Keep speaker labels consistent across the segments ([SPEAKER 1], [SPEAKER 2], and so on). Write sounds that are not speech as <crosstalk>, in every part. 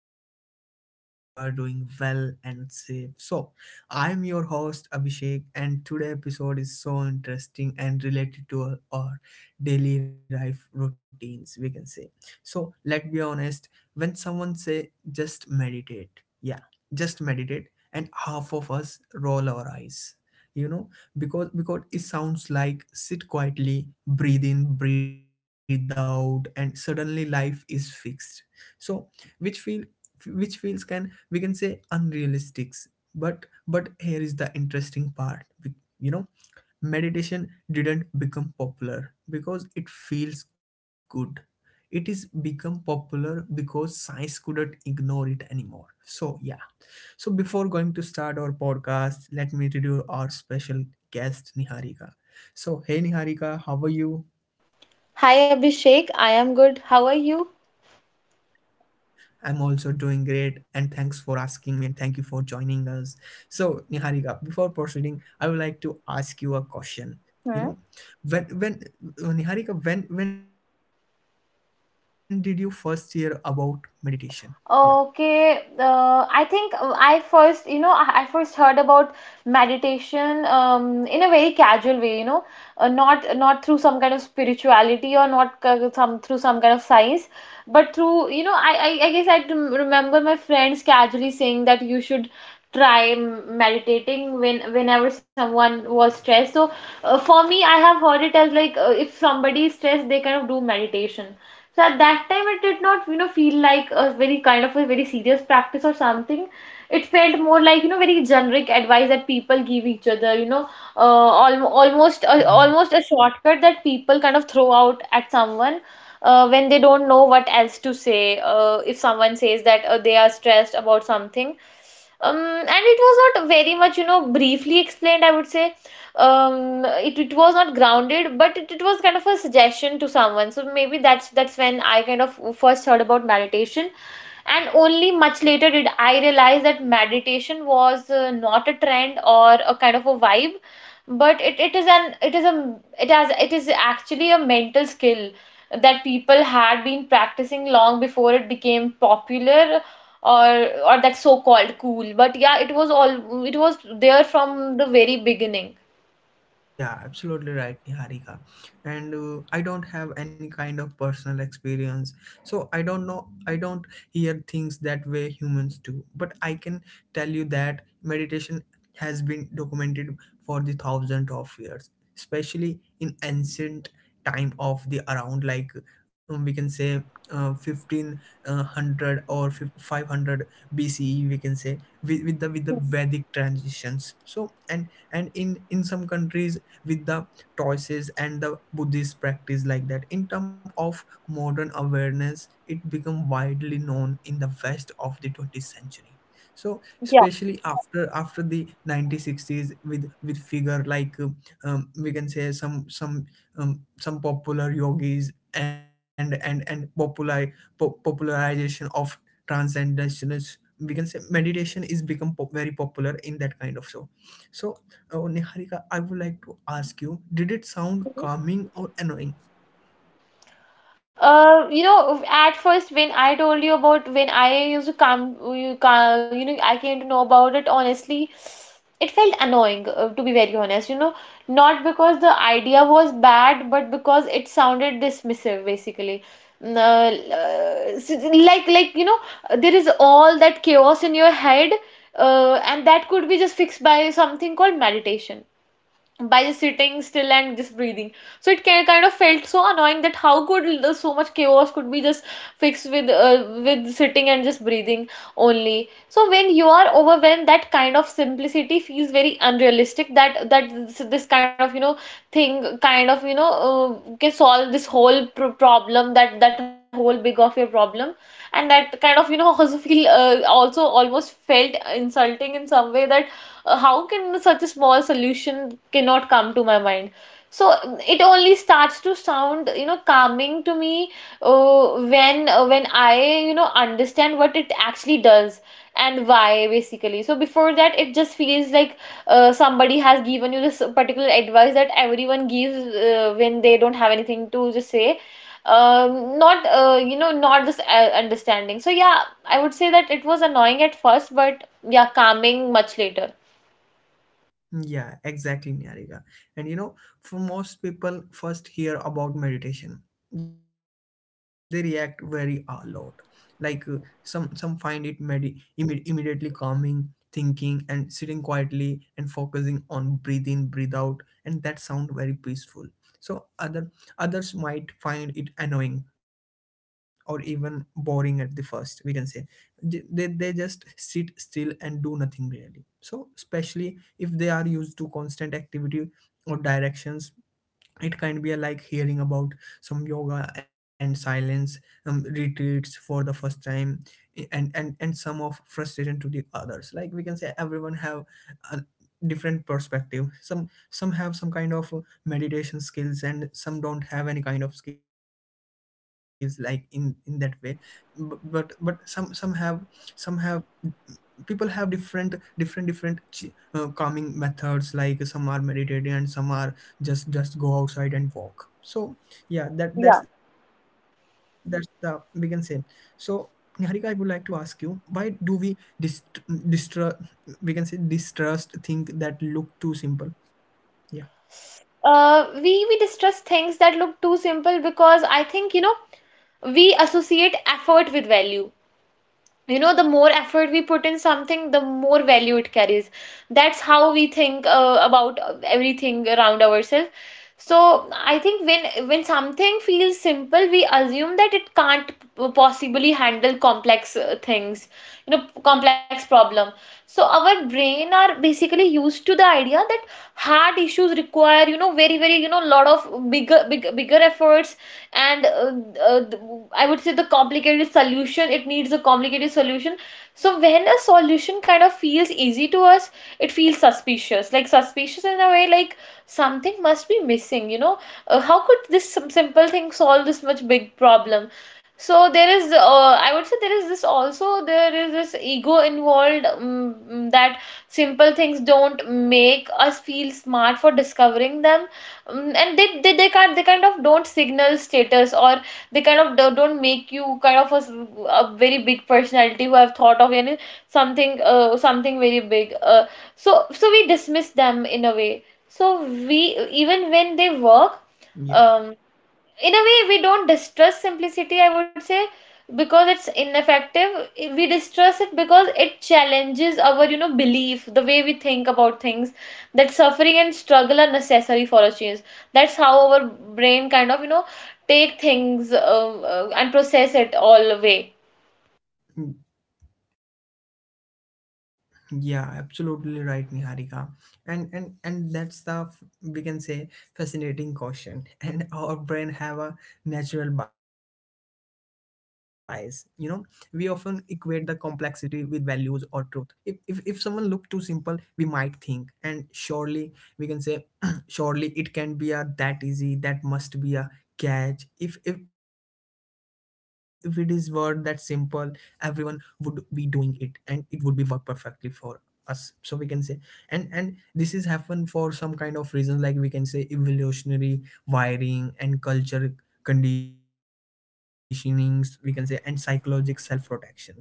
[SPEAKER 1] us. And hope you are doing well and safe. So, I'm your host Abhishek, and today episode is so interesting and related to our daily life routines. We can say. So, let's be honest. When someone say just meditate, yeah, just meditate, and half of us roll our eyes. You know, because it sounds like sit quietly breathe in breathe out and suddenly life is fixed. So which feel which feels, can we can say, unrealistic. But here is the interesting part. you know meditation didn't become popular because it feels good. It is become popular because science couldn't ignore it anymore, so yeah. So before going to start our podcast, let me introduce our special guest Niharika. So hey Niharika, how are you?
[SPEAKER 2] Hi Abhishek, I am good. How are you?
[SPEAKER 1] I'm also doing great and thanks for asking me and thank you for joining us. So Niharika, before proceeding, I would like to ask you a question. You know,
[SPEAKER 2] Hmm.
[SPEAKER 1] when Niharika, when did you first hear about meditation? Yeah.
[SPEAKER 2] Okay, I think I first, I first heard about meditation in a very casual way, not through some kind of spirituality or not c- some through some kind of science, but through, I guess I remember my friends casually saying that you should try meditating whenever someone was stressed. So for me, I have heard it as like if somebody is stressed, they kind of do meditation. So at that time, it did not, feel like a very kind of a very serious practice or something. It felt more like, very generic advice that people give each other, almost a,
[SPEAKER 1] Yeah.
[SPEAKER 2] almost a shortcut that people kind of throw out at someone when they don't know what else to say. If someone says that they are stressed about something and it was not very much, you know, briefly explained, I would say. It was not grounded, but it was kind of a suggestion to someone. So maybe that's when I kind of first heard about meditation. And only much later did I realize that meditation was not a trend or a kind of a vibe, but it is an it is a it has it is actually a mental skill that people had been practicing long before it became popular, or or that so-called cool. But yeah, it was there from the very beginning.
[SPEAKER 1] Yeah, absolutely right, Niharika. And I don't have any kind of personal experience, so I don't know, I don't hear things that way humans do. But I can tell you that meditation has been documented for the thousands of years, especially in ancient time of the around like, we can say, 1500 or 500 BCE we can say, with the Vedic transitions. So and in some countries with the choices and the buddhist practice like that. In terms of modern awareness, it became widely known in the west of the 20th century. So especially after the 1960s with figure like we can say, some popular yogis and and popularization of transcendence, we can say meditation is become very popular in that kind of so. So, Niharika, I would like to ask you, did it sound calming or annoying?
[SPEAKER 2] You know, at first when I told you about when I used to come, you know, I came to know about it. Honestly, it felt annoying, to be very honest. You know, not because the idea was bad, but because it sounded dismissive, basically. Like, you know, there is all that chaos in your head, and that could be just fixed by something called meditation, by just sitting still and just breathing. So it can, kind of felt so annoying that how could the, so much chaos could be just fixed with sitting and just breathing only. So when you are overwhelmed, that kind of simplicity feels very unrealistic, that this kind of, you know, thing kind of, you know, can solve this whole problem, that whole big of your problem. And that kind of, you know, <laughs> also feel also almost felt insulting in some way, that how can such a small solution cannot come to my mind. So it only starts to sound, you know, calming to me when I, you know, understand what it actually does and why basically. So before that, it just feels like somebody has given you this particular advice that everyone gives when they don't have anything to just say. Not you know, not this understanding. So yeah, I would say that it was annoying at first, but yeah, calming much later.
[SPEAKER 1] Yeah, exactly, Nyarika. And you know, for most people, first hear about meditation, they react very a lot. Like some find it immediately calming, thinking, and sitting quietly and focusing on breathe in, breathe out, and that sound very peaceful. So others might find it annoying or even boring at the first. We can say they just sit still and do nothing really. So especially if they are used to constant activity or directions, it can be a like hearing about some yoga and silence retreats for the first time, and some of frustration to the others, like we can say everyone have a different perspective. Some have some kind of meditation skills and some don't have any kind of skills like in that way. But some have people have different calming methods. Like some are meditating and some are just go outside and walk, so yeah, that
[SPEAKER 2] Yeah.
[SPEAKER 1] that's that's the we can say. So Niharika, I would like to ask you, why do we dist- distra we can say distrust think that look too simple, yeah?
[SPEAKER 2] We distrust things that look too simple because I think, you know, we associate effort with value. You know, the more effort we put in something, the more value it carries. That's how we think about everything around ourselves. So I think when something feels simple, we assume that it can't possibly handle complex things, you know, complex problem. So our brain are basically used to the idea that hard issues require, you know, very very, you know, lot of bigger bigger efforts. And uh, th- I would say the complicated solution, it needs a complicated solution. So when a solution kind of feels easy to us, it feels suspicious, like suspicious in a way, like something must be missing, you know. How could this simple thing solve this much big problem? So there is I would say there is this, also there is this ego involved that simple things don't make us feel smart for discovering them. Mm, and they can't, they kind of don't signal status, or they kind of don't make you kind of a, a very big personality who have thought of any something, something very big. So so we dismiss them in a way, so we, even when they work
[SPEAKER 1] Yeah.
[SPEAKER 2] um in a way, we don't distrust simplicity, I would say, because it's ineffective. We distrust it because it challenges our, you know, belief, the way we think about things, that suffering and struggle are necessary for a change. That's how our brain kind of, you know, take things and process it all away.
[SPEAKER 1] Yeah, absolutely right, Niharika. And and that's the we can say fascinating caution. <laughs> And our brain have a natural bias. You know, we often equate the complexity with values or truth. If someone look too simple, we might think, and surely we can say, <clears throat> surely it can be a that easy. That must be a catch. If it is word that simple, everyone would be doing it, and it would be work perfectly for us, so we can say. And this is happen for some kind of reason, like we can say evolutionary wiring and culture conditionings, we can say, and psychological self protections. So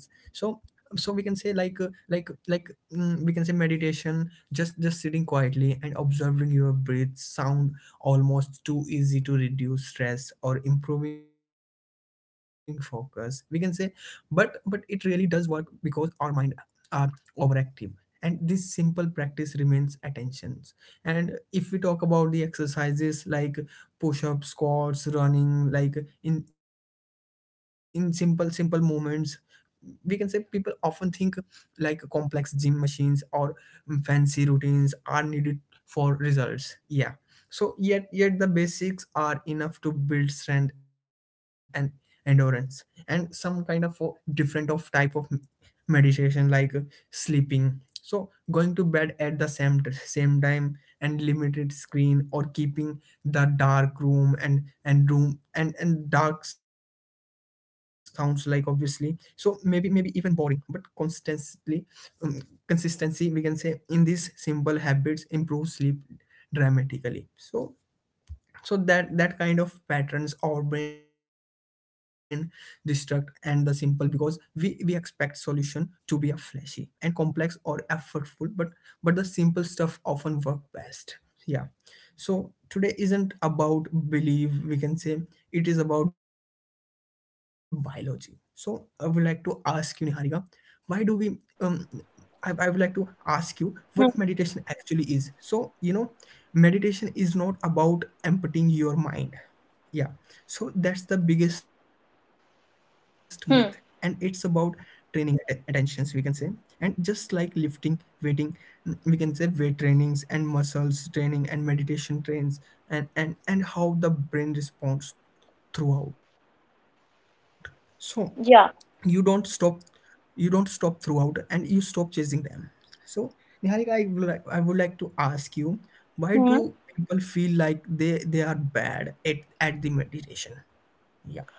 [SPEAKER 1] so we can say like like like we can say meditation just sitting quietly and observing your breath, sound almost too easy to reduce stress or improving focus, we can say. But it really does work because our mind are overactive, and this simple practice remains attentions. And if we talk about the exercises like push up, squats running, like in simple simple movements, we can say people often think like complex gym machines or fancy routines are needed for results, yeah. So yet the basics are enough to build strength and endurance. And some kind of different of type of meditation like sleeping, so going to bed at the same time and limited screen, or keeping the dark room and and dark sounds like obviously, so maybe maybe even boring but constantly, um, consistency, we can say in these simple habits improve sleep dramatically. So so that that kind of patterns our brain destruct and the simple, because we expect solution to be a flashy and complex or effortful, but the simple stuff often work best, yeah. So today isn't about belief, we can say, it is about biology. So I would like to ask you Niharika, why do we um I would like to ask you what
[SPEAKER 2] Hmm.
[SPEAKER 1] meditation actually is, so you know. Meditation is not about emptying your mind, yeah, so that's the biggest myth. And it's about
[SPEAKER 2] hmm
[SPEAKER 1] training attentions, we can say. And just like lifting weighting, we can say weight trainings and muscles training and meditation trains, and and how the brain responds throughout. So you don't stop,
[SPEAKER 2] yeah
[SPEAKER 1] you don't stop throughout, and you stop chasing them. So Niharika, I would like to ask you, why do people feel like they are bad at the meditation, yeah?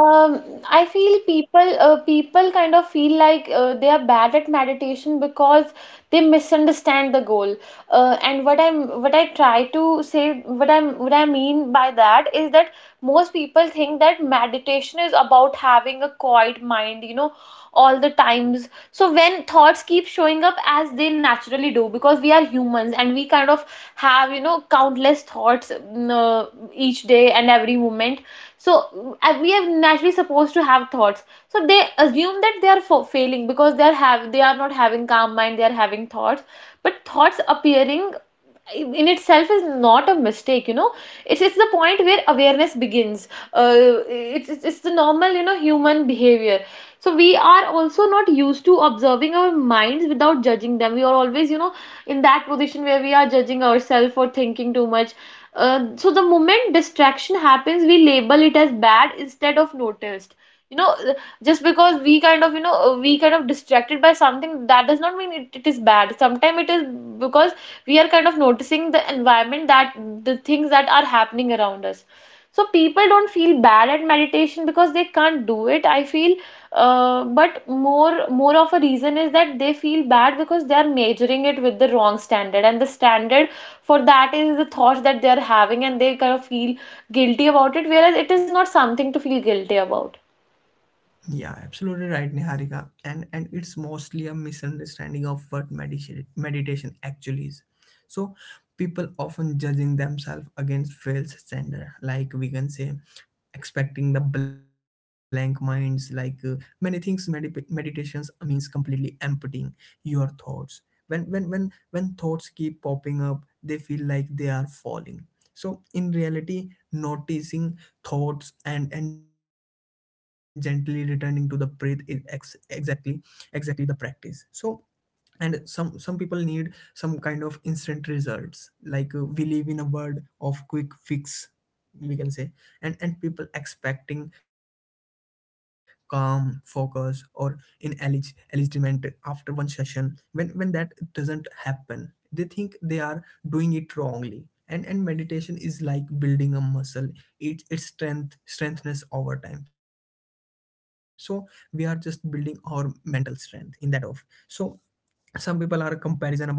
[SPEAKER 2] Um, I feel people people kind of feel like they are bad at meditation because they misunderstand the goal. And what I'm, what I mean by that is that most people think that meditation is about having a quiet mind, you know, all the times. So when thoughts keep showing up as they naturally do, because we are humans and we kind of have, you know, countless thoughts, mm, each day and every moment. So we are naturally supposed to have thoughts. So they assume that they are failing because they are not having calm mind, they are having thoughts. But thoughts appearing in itself is not a mistake, you know. It's the point where awareness begins. It's the normal, you know, human behavior. So we are also not used to observing our minds without judging them. We are always, you know, in that position where we are judging ourselves or thinking too much. So the moment distraction happens, we label it as bad instead of noticed, you know. Just because we kind of, you know, we kind of distracted by something, that does not mean it is bad. Sometimes it is because we are kind of noticing the environment, that the things that are happening around us. So people don't feel bad at meditation because they can't do it, I feel. But more of a reason is that they feel bad because they are measuring it with the wrong standard, and the standard for that is the thoughts that they are having, and they kind of feel guilty about it, whereas it is not something to feel guilty about.
[SPEAKER 1] Yeah, absolutely right, Niharika. And it's mostly a misunderstanding of what meditation actually is. So people often judging themselves against false standard, like we can say, expecting the blank minds like many things medip meditations means completely emptying your thoughts. When thoughts keep popping up, they feel like they are falling. So in reality, noticing thoughts and gently returning to the breath is exactly the practice, so. And some people need some kind of instant results, like we live in a world of quick fix, we can say. And people expecting calm focus or enlightenment after one session. When that doesn't happen, they think they are doing it wrongly. And meditation is like building a muscle. It strengthens over time, so we are just building our mental strength in that of. So some people are comparison about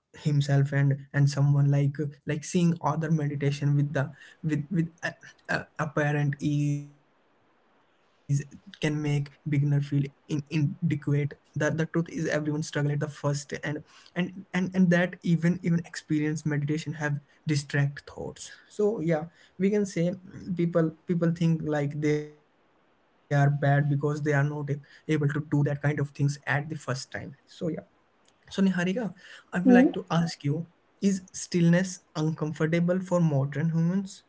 [SPEAKER 1] himself and someone, like seeing other meditation with the with apparent ease, can make beginner feel in inadequate. That the truth is everyone struggle at the first, and and that even experienced meditation have distract thoughts, so yeah, we can say. People think like they are bad because they are not able to do that kind of things at the first time, so yeah. So Niharika, I would like to
[SPEAKER 2] Hmm.
[SPEAKER 1] ask you, is stillness uncomfortable for modern humans?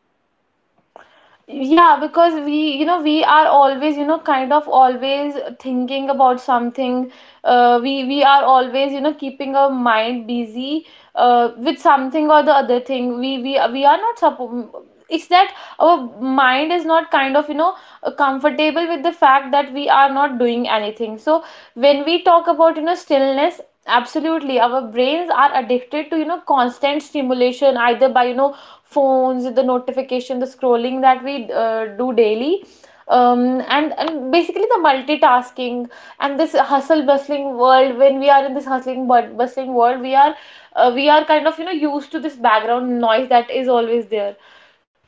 [SPEAKER 2] Yeah, because we, you know, we are always, you know, kind of always thinking about something. We are always, you know, keeping our mind busy with something or the other thing. We are not it's that our mind is not kind of, you know, comfortable with the fact that we are not doing anything. So when we talk about, you know, stillness, absolutely. Our brains are addicted to, you know, constant stimulation, either by, you know, phones, the notification, the scrolling that we do daily. And basically the multitasking and this hustle bustling world, when we are in this hustling bustling world, we are kind of, you know, used to this background noise that is always there.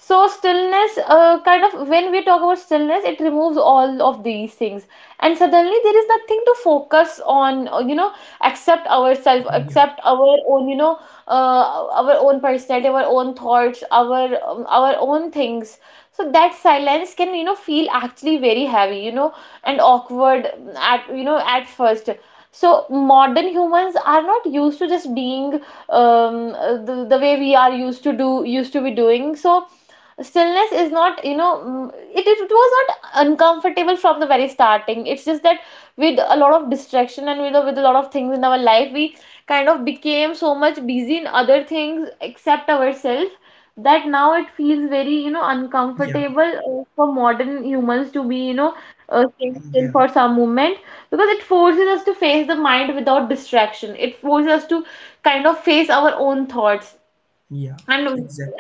[SPEAKER 2] So stillness, kind of when we talk about stillness, it removes all of these things, and suddenly there is nothing to focus on. You know, accept ourselves,
[SPEAKER 1] Yeah.
[SPEAKER 2] accept our own, you know, uh, our own personality, our own thoughts, our own things. So that silence can, you know, feel actually very heavy, you know, and awkward at, you know, at first. So modern humans are not used to just being um, the way we are used to do used to be doing. So stillness is not, you know, mm, it was not uncomfortable from the very starting. It's just that with a lot of distraction and with a lot of things in our life, we kind of became so much busy in other things except ourselves, that now it feels very, you know,
[SPEAKER 1] Yeah.
[SPEAKER 2] uncomfortable for modern humans to be, you know,
[SPEAKER 1] Yeah.
[SPEAKER 2] staying still for some moment, because it forces us to face the mind without distraction. It forces us to kind of face our own thoughts.
[SPEAKER 1] Yeah,
[SPEAKER 2] and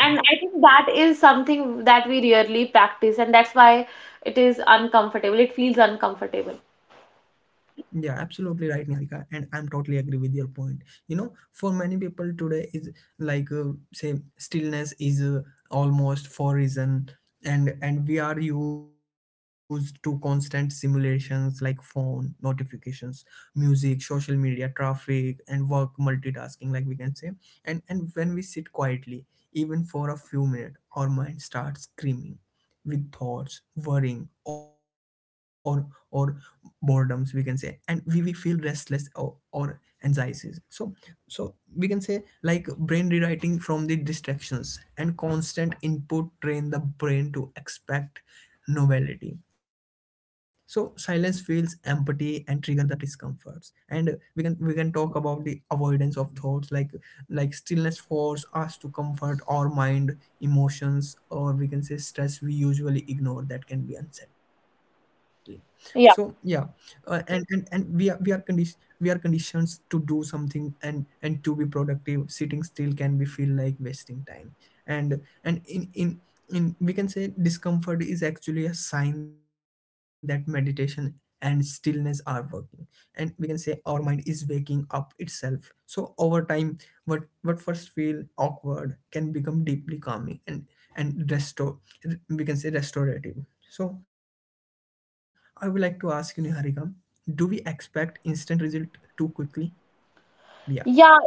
[SPEAKER 2] and I think that is something that we rarely practice, and that's why it is uncomfortable. It feels uncomfortable.
[SPEAKER 1] Yeah, absolutely right, Niharika, and I'm totally agree with your point. You know, for many people today is like say stillness is almost for reason. And we are used to constant simulations like phone notifications, music, social media, traffic, and work multitasking, like we can say. And when we sit quietly, even for a few minutes, our mind starts screaming with thoughts worrying or boredoms, we can say, and we feel restless or anxieties, so. So we can say like brain rewriting from the distractions and constant input train the brain to expect novelty. So silence feels empathy and trigger the discomforts. And we can talk about the avoidance of thoughts, like stillness force us to comfort our mind, emotions, or we can say stress we usually ignore that can be unsettling, so yeah.
[SPEAKER 2] Yeah,
[SPEAKER 1] And and we are conditioned, we are conditioned to do something and to be productive. Sitting still can be feel like wasting time. And in we can say discomfort is actually a sign that meditation and stillness are working. And we can say our mind is waking up itself. So over time, what first feel awkward can become deeply calming and restore, we can say restorative. So I would like to ask you Niharika, do we expect instant result too quickly? Yeah.
[SPEAKER 2] yeah,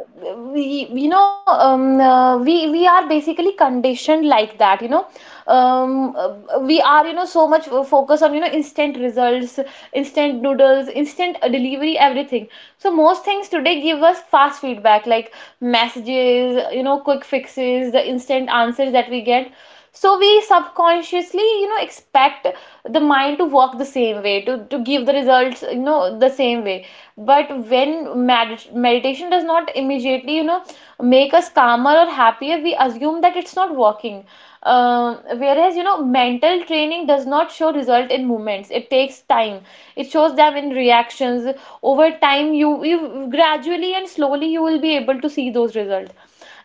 [SPEAKER 2] we we are basically conditioned like that. We are so much focus on instant results, instant noodles, instant delivery, everything. So most things today give us fast feedback like messages, quick fixes, the instant answers that we get. So we subconsciously expect the mind to work the same way, to give the results, the same way. But when meditation does not immediately make us calmer or happier, we assume that it's not working. Whereas, mental training does not show result in moments. It takes time. It shows them in reactions. Over time, you gradually and slowly you will be able to see those results.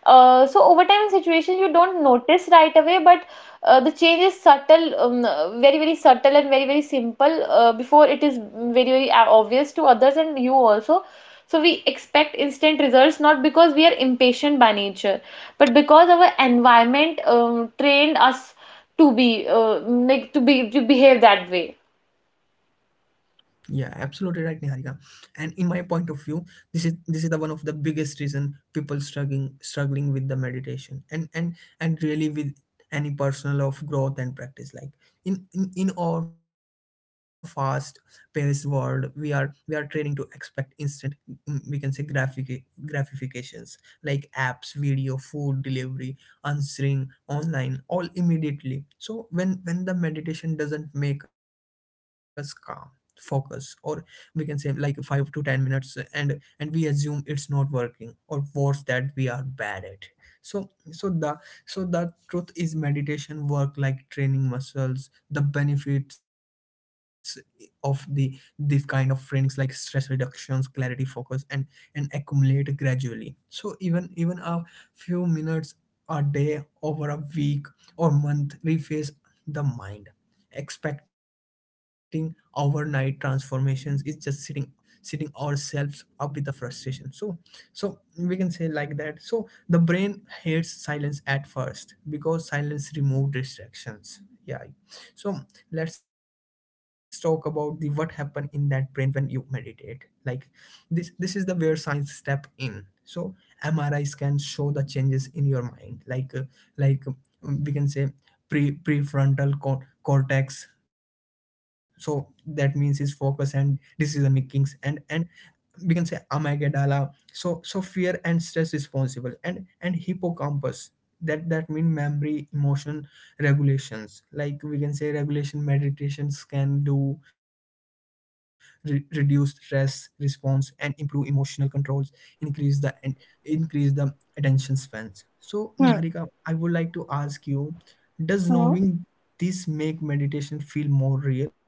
[SPEAKER 2] So over time, in situation you don't notice right away, but the change is subtle, very very subtle and very very simple, before it is very very obvious to others and you also. So we expect instant results not because we are impatient by nature, but because our environment trained us to be, to behave that way.
[SPEAKER 1] Yeah, absolutely right, Niharika. And in my point of view, this is the one of the biggest reason people struggling with the meditation and really with any personal of growth and practice. Like in our fast paced world, we are training to expect instant we can say graphic gratifications like apps, video, food delivery, answering online, all immediately. So when the meditation doesn't make us calm, focus, or we can say like 5 to 10 minutes, and we assume it's not working or worse that we are bad at. so so the so the truth is meditation work like training muscles. The benefits of the this kind of trainings, like stress reductions, clarity, focus, and accumulate gradually. So even a few minutes a day over a week or month reface the mind. Expecting overnight transformations is just sitting ourselves up with the frustration. So we can say like that. So the brain hates silence at first because silence removes distractions. Yeah. So let's talk about the what happen in that brain when you meditate. Like this is the where science step in. So MRI scans show the changes in your mind, like like we can say prefrontal cortex. So that means his focus and decision makings, and we can say amygdala, so fear and stress responsible, and hippocampus. That mean memory, emotion regulations, like we can say regulation meditations can do, reduce stress response and improve emotional controls, increase the and increase the attention spans. So
[SPEAKER 2] Hmm.
[SPEAKER 1] Niharika, I would like to ask you, does
[SPEAKER 2] Hmm.
[SPEAKER 1] knowing this make meditation feel more real?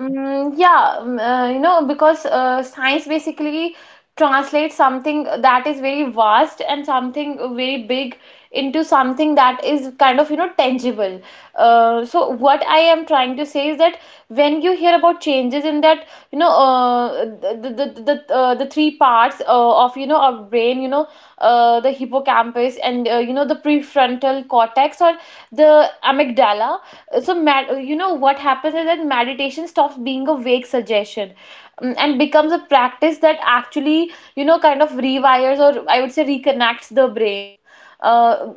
[SPEAKER 2] Mm, yeah, because science basically translates something that is very vast and something very big into something that is kind of, tangible. So what I am trying to say is that when you hear about changes in that, the three parts of, our brain, the hippocampus and the prefrontal cortex, or the amygdala. So what happens is that meditation stops being a vague suggestion, and becomes a practice that actually kind of rewires, or I would say reconnects, the brain, uh,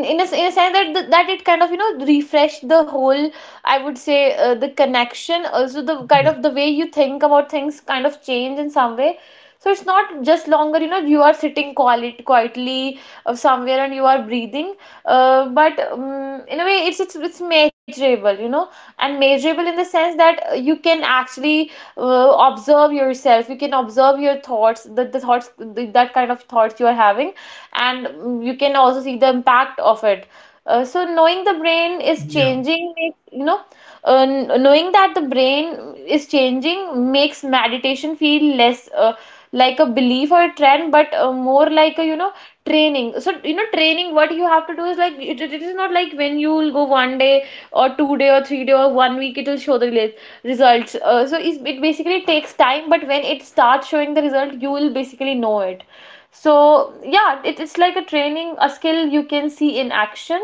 [SPEAKER 2] in a sense that that it kind of refresh the whole, I would say, the
[SPEAKER 1] Yeah.
[SPEAKER 2] connection. Also, the kind of the way you think about things kind of change in some way. So it's not just longer, you are sitting quietly somewhere and you are breathing, but in a way, it's measurable, and measurable in the sense that you can actually uh, observe yourself. You can observe your thoughts, that kind of thoughts you are having. And you can also see the impact of it. So knowing the brain is
[SPEAKER 1] Yeah.
[SPEAKER 2] changing makes, knowing that the brain is changing makes meditation feel less, like a belief or a trend, but more like a, training. So training, what you have to do is like, it is not like when you will go one day or 2 day or 3 day or one week, it will show the results. So it basically takes time, but when it starts showing the result, you will basically know it. So yeah, it's like a training, a skill you can see in action,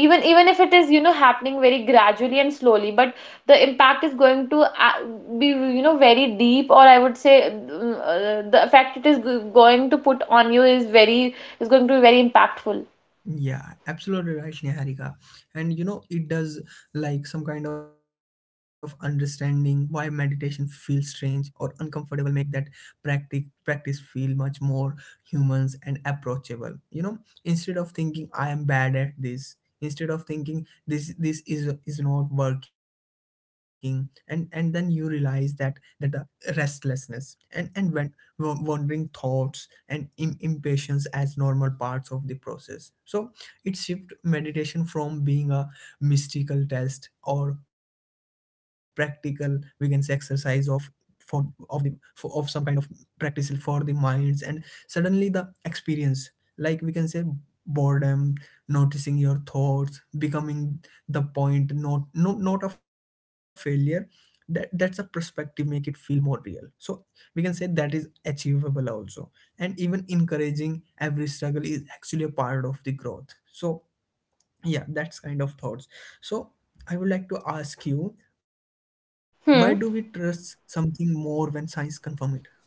[SPEAKER 2] even if it is, happening very gradually and slowly, but the impact is going to, be, very deep, or I would say, the effect it is going to put on you is very, is going to be very impactful.
[SPEAKER 1] Yeah, absolutely right, Niharika. And you know, it does, like some kind of understanding why meditation feels strange or uncomfortable make that practice practice feel much more humans and approachable. You know, instead of thinking I am bad at this, instead of thinking this is not working, and then you realize that that the restlessness and when wandering thoughts and impatience as normal parts of the process. So it shifts meditation from being a mystical test or practical, we can say, exercise of for of the for, of some kind of practice for the minds. And suddenly the experience, like we can say boredom, noticing your thoughts, becoming the point, not a failure. That's a perspective make it feel more real. So we can say that is achievable also, and even encouraging, every struggle is actually a part of the growth. So yeah, that's kind of thoughts. So I would like to ask you, why do we trust
[SPEAKER 2] Hmm.
[SPEAKER 1] something more when science confirm it? Yeah.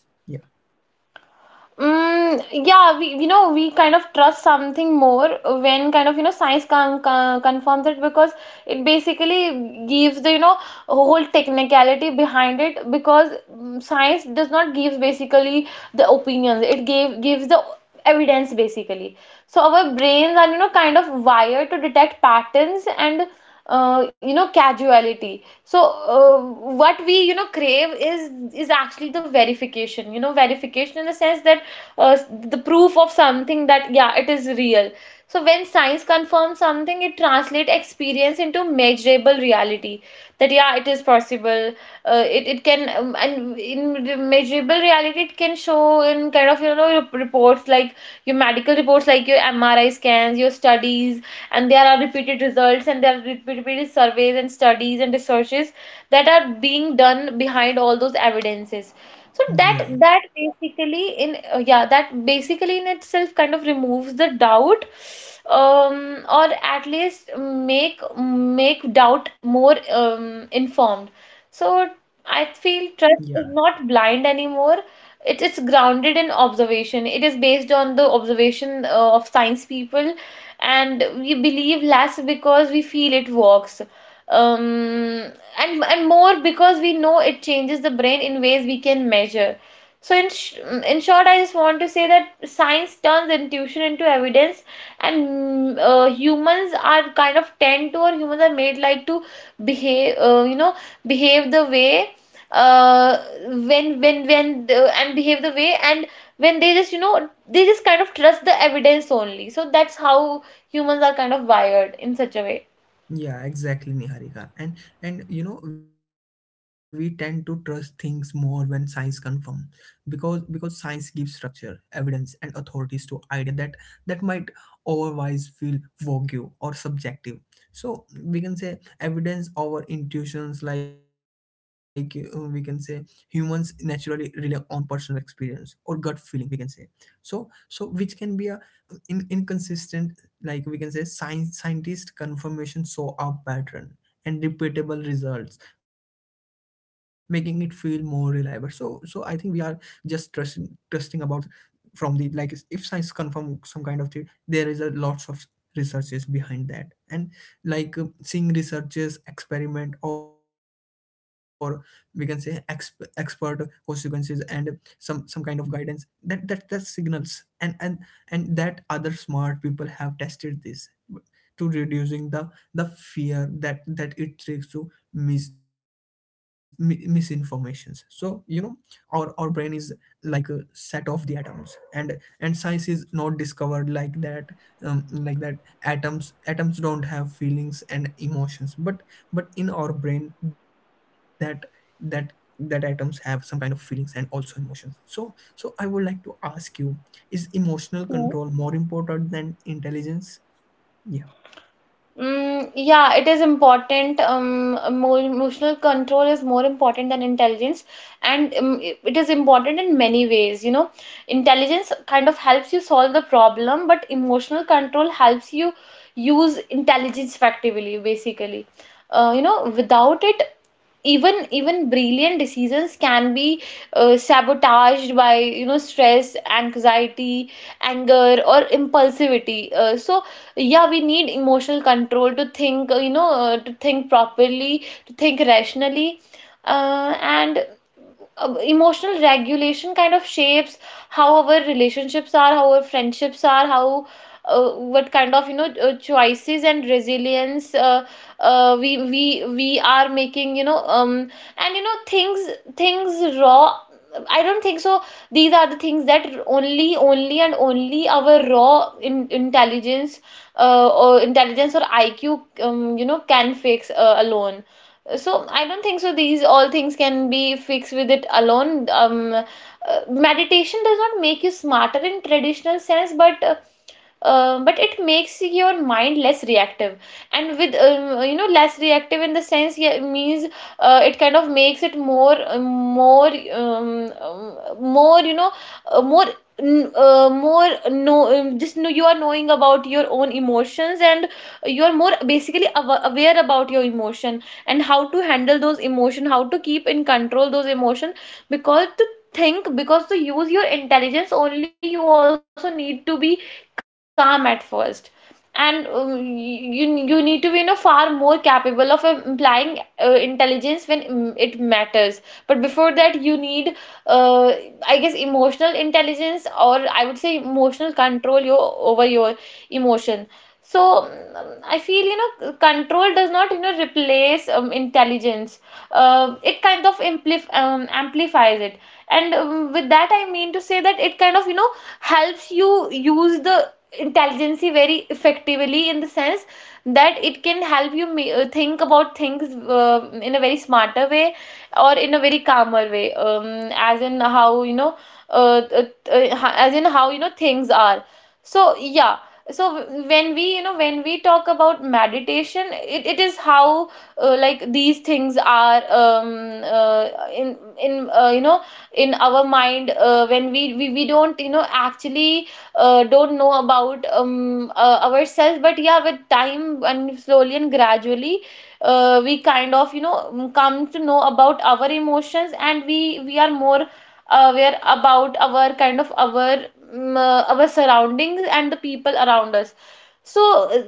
[SPEAKER 2] Mm, yeah, we we kind of trust something more when kind of, science confirms it, because it basically gives the, whole technicality behind it. Because science does not give basically the opinions, it gave gives the evidence basically. So our brains are, kind of wired to detect patterns and, casuality. So, uh, what we, crave is actually the verification, verification in the sense that, uh, the proof of something, that yeah, it is real. So when science confirms something, it translates experience into measurable reality, that yeah, it is possible. It can, and in measurable reality it can show in kind of, your reports, like your medical reports, like your MRI scans, your studies, and there are repeated results, and there are repeated surveys and studies and researches that are being done behind all those evidences. So that,
[SPEAKER 1] Yeah.
[SPEAKER 2] basically in, yeah, that basically in itself kind of removes the doubt, or at least make doubt more, informed. So
[SPEAKER 1] Yeah.
[SPEAKER 2] I feel trust is not blind anymore. It is grounded in observation. It is based on the observation of science people, and we believe less because we feel it works. Um, and more because we know it changes the brain in ways we can measure. So in in short, I just want to say that science turns intuition into evidence, and humans are kind of tend to, or humans are made like to behave, behave the way, uh when the, and behave the way, and when they just, they just kind of trust the evidence only. So that's how humans are kind of wired in such a way.
[SPEAKER 1] Yeah, exactly, Niharika. And you know, we tend to trust things more when science confirm, because science gives structure, evidence, and authorities to idea that that might otherwise feel vague or subjective. So we can say evidence over intuitions, like we can say humans naturally rely on personal experience or gut feeling. We can say, so which can be a inconsistent, like we can say science, scientist confirmation saw a pattern and repeatable results making it feel more reliable. So I think we are just trusting about from the, like if science confirm some kind of theory, there is a lots of researches behind that, and like seeing researches, experiment, or we can say expert consequences, and some kind of guidance, that signals, and that other smart people have tested this, to reducing the fear that it takes to misinformations. So you know, our brain is like a set of the atoms, and science is not discovered like that, like that, atoms don't have feelings and emotions. But in our brain, that that atoms have some kind of feelings and also emotions. So I would like to ask you, is emotional control more important than intelligence? Yeah.
[SPEAKER 2] Mm, yeah, it is important. Emotional control is more important than intelligence, and it is important in many ways. You know, intelligence kind of helps you solve the problem, but emotional control helps you use intelligence effectively, basically. Without it, even brilliant decisions can be sabotaged by, stress, anxiety, anger, or impulsivity. So yeah, we need emotional control to think, to think properly, to think rationally, and emotional regulation kind of shapes how our relationships are, how our friendships are, how, what kind of, choices and resilience, we are making. And, things raw. I don't think so. These are the things that only, only, and only our raw, intelligence, or intelligence or IQ, can fix, alone. So I don't think so these all things can be fixed with it alone. Meditation does not make you smarter in traditional sense, but it makes your mind less reactive, and with, less reactive in the sense, yeah, it means, it kind of makes it more, more, more, more, no, just know you are knowing about your own emotions, and you are more basically aware about your emotion, and how to handle those emotion, how to keep in control those emotion, because to think, because to use your intelligence only, you also need to be calm at first, and you need to be, far more capable of implying, intelligence when, it matters. But before that you need, uh, I guess emotional intelligence, or I would say emotional control, your over your emotion. So I feel, control does not, replace, intelligence. It kind of amplifies it, and with that I mean to say that it kind of, helps you use the intelligence very effectively, in the sense that it can help you, think about things, in a very smarter way, or in a very calmer way, as in how, uh, uh, as in how, things are. So yeah. So when we, when we talk about meditation, it is how, like these things are, in you know in our mind, when we don't, actually, don't know about, ourselves. But yeah, with time and slowly and gradually, we kind of, come to know about our emotions, and we are more aware about our, kind of, our, our surroundings and the people around us. So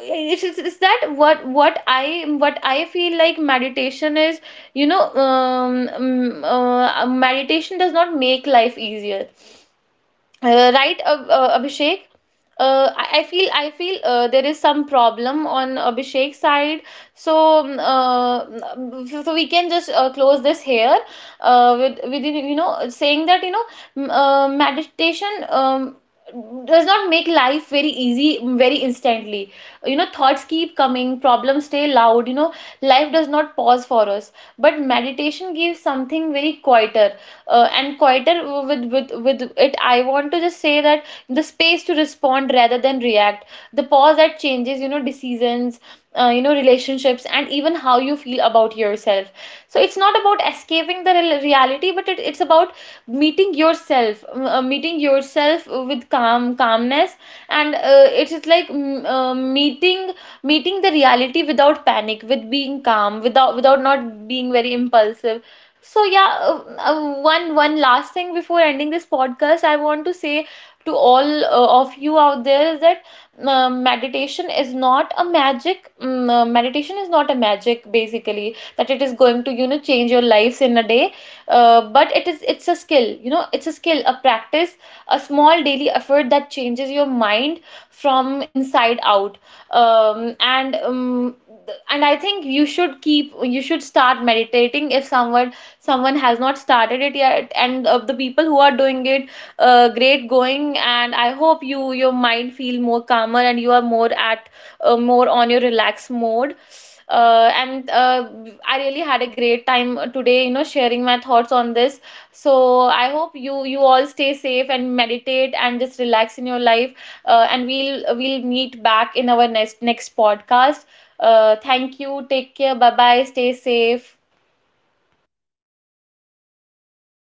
[SPEAKER 2] it's that what I feel like meditation is. Meditation does not make life easier, right, Abhishek? I feel there is some problem on Abhishek's side. so um, uh, so we can just close this here with, saying that, meditation, does not make life very easy, very instantly. Thoughts keep coming, problems stay loud, life does not pause for us, but meditation gives something very quieter, and quieter. With it, I want to just say that the space to respond rather than react, the pause that changes, decisions, relationships, and even how you feel about yourself. So it's not about escaping the real reality, but it's about meeting yourself, meeting yourself with calmness. And it is like, meeting the reality without panic, with being calm, without not being very impulsive. So yeah, one last thing before ending this podcast, I want to say to all of you out there is that meditation is not a magic. Meditation is not a magic, basically, that it is going to, change your lives in a day. But it's a skill, you know, it's a skill, a practice, a small daily effort that changes your mind from inside out. Um, and um, and I think you should start meditating if someone has not started it yet, and of the people who are doing it, great going, and I hope your mind feel more calmer and you are more at, more on your relaxed mode. And I really had a great time today, sharing my thoughts on this. So I hope you all stay safe and meditate and just relax in your life. And we'll meet back in our next podcast. Thank you, take care, bye bye, stay safe.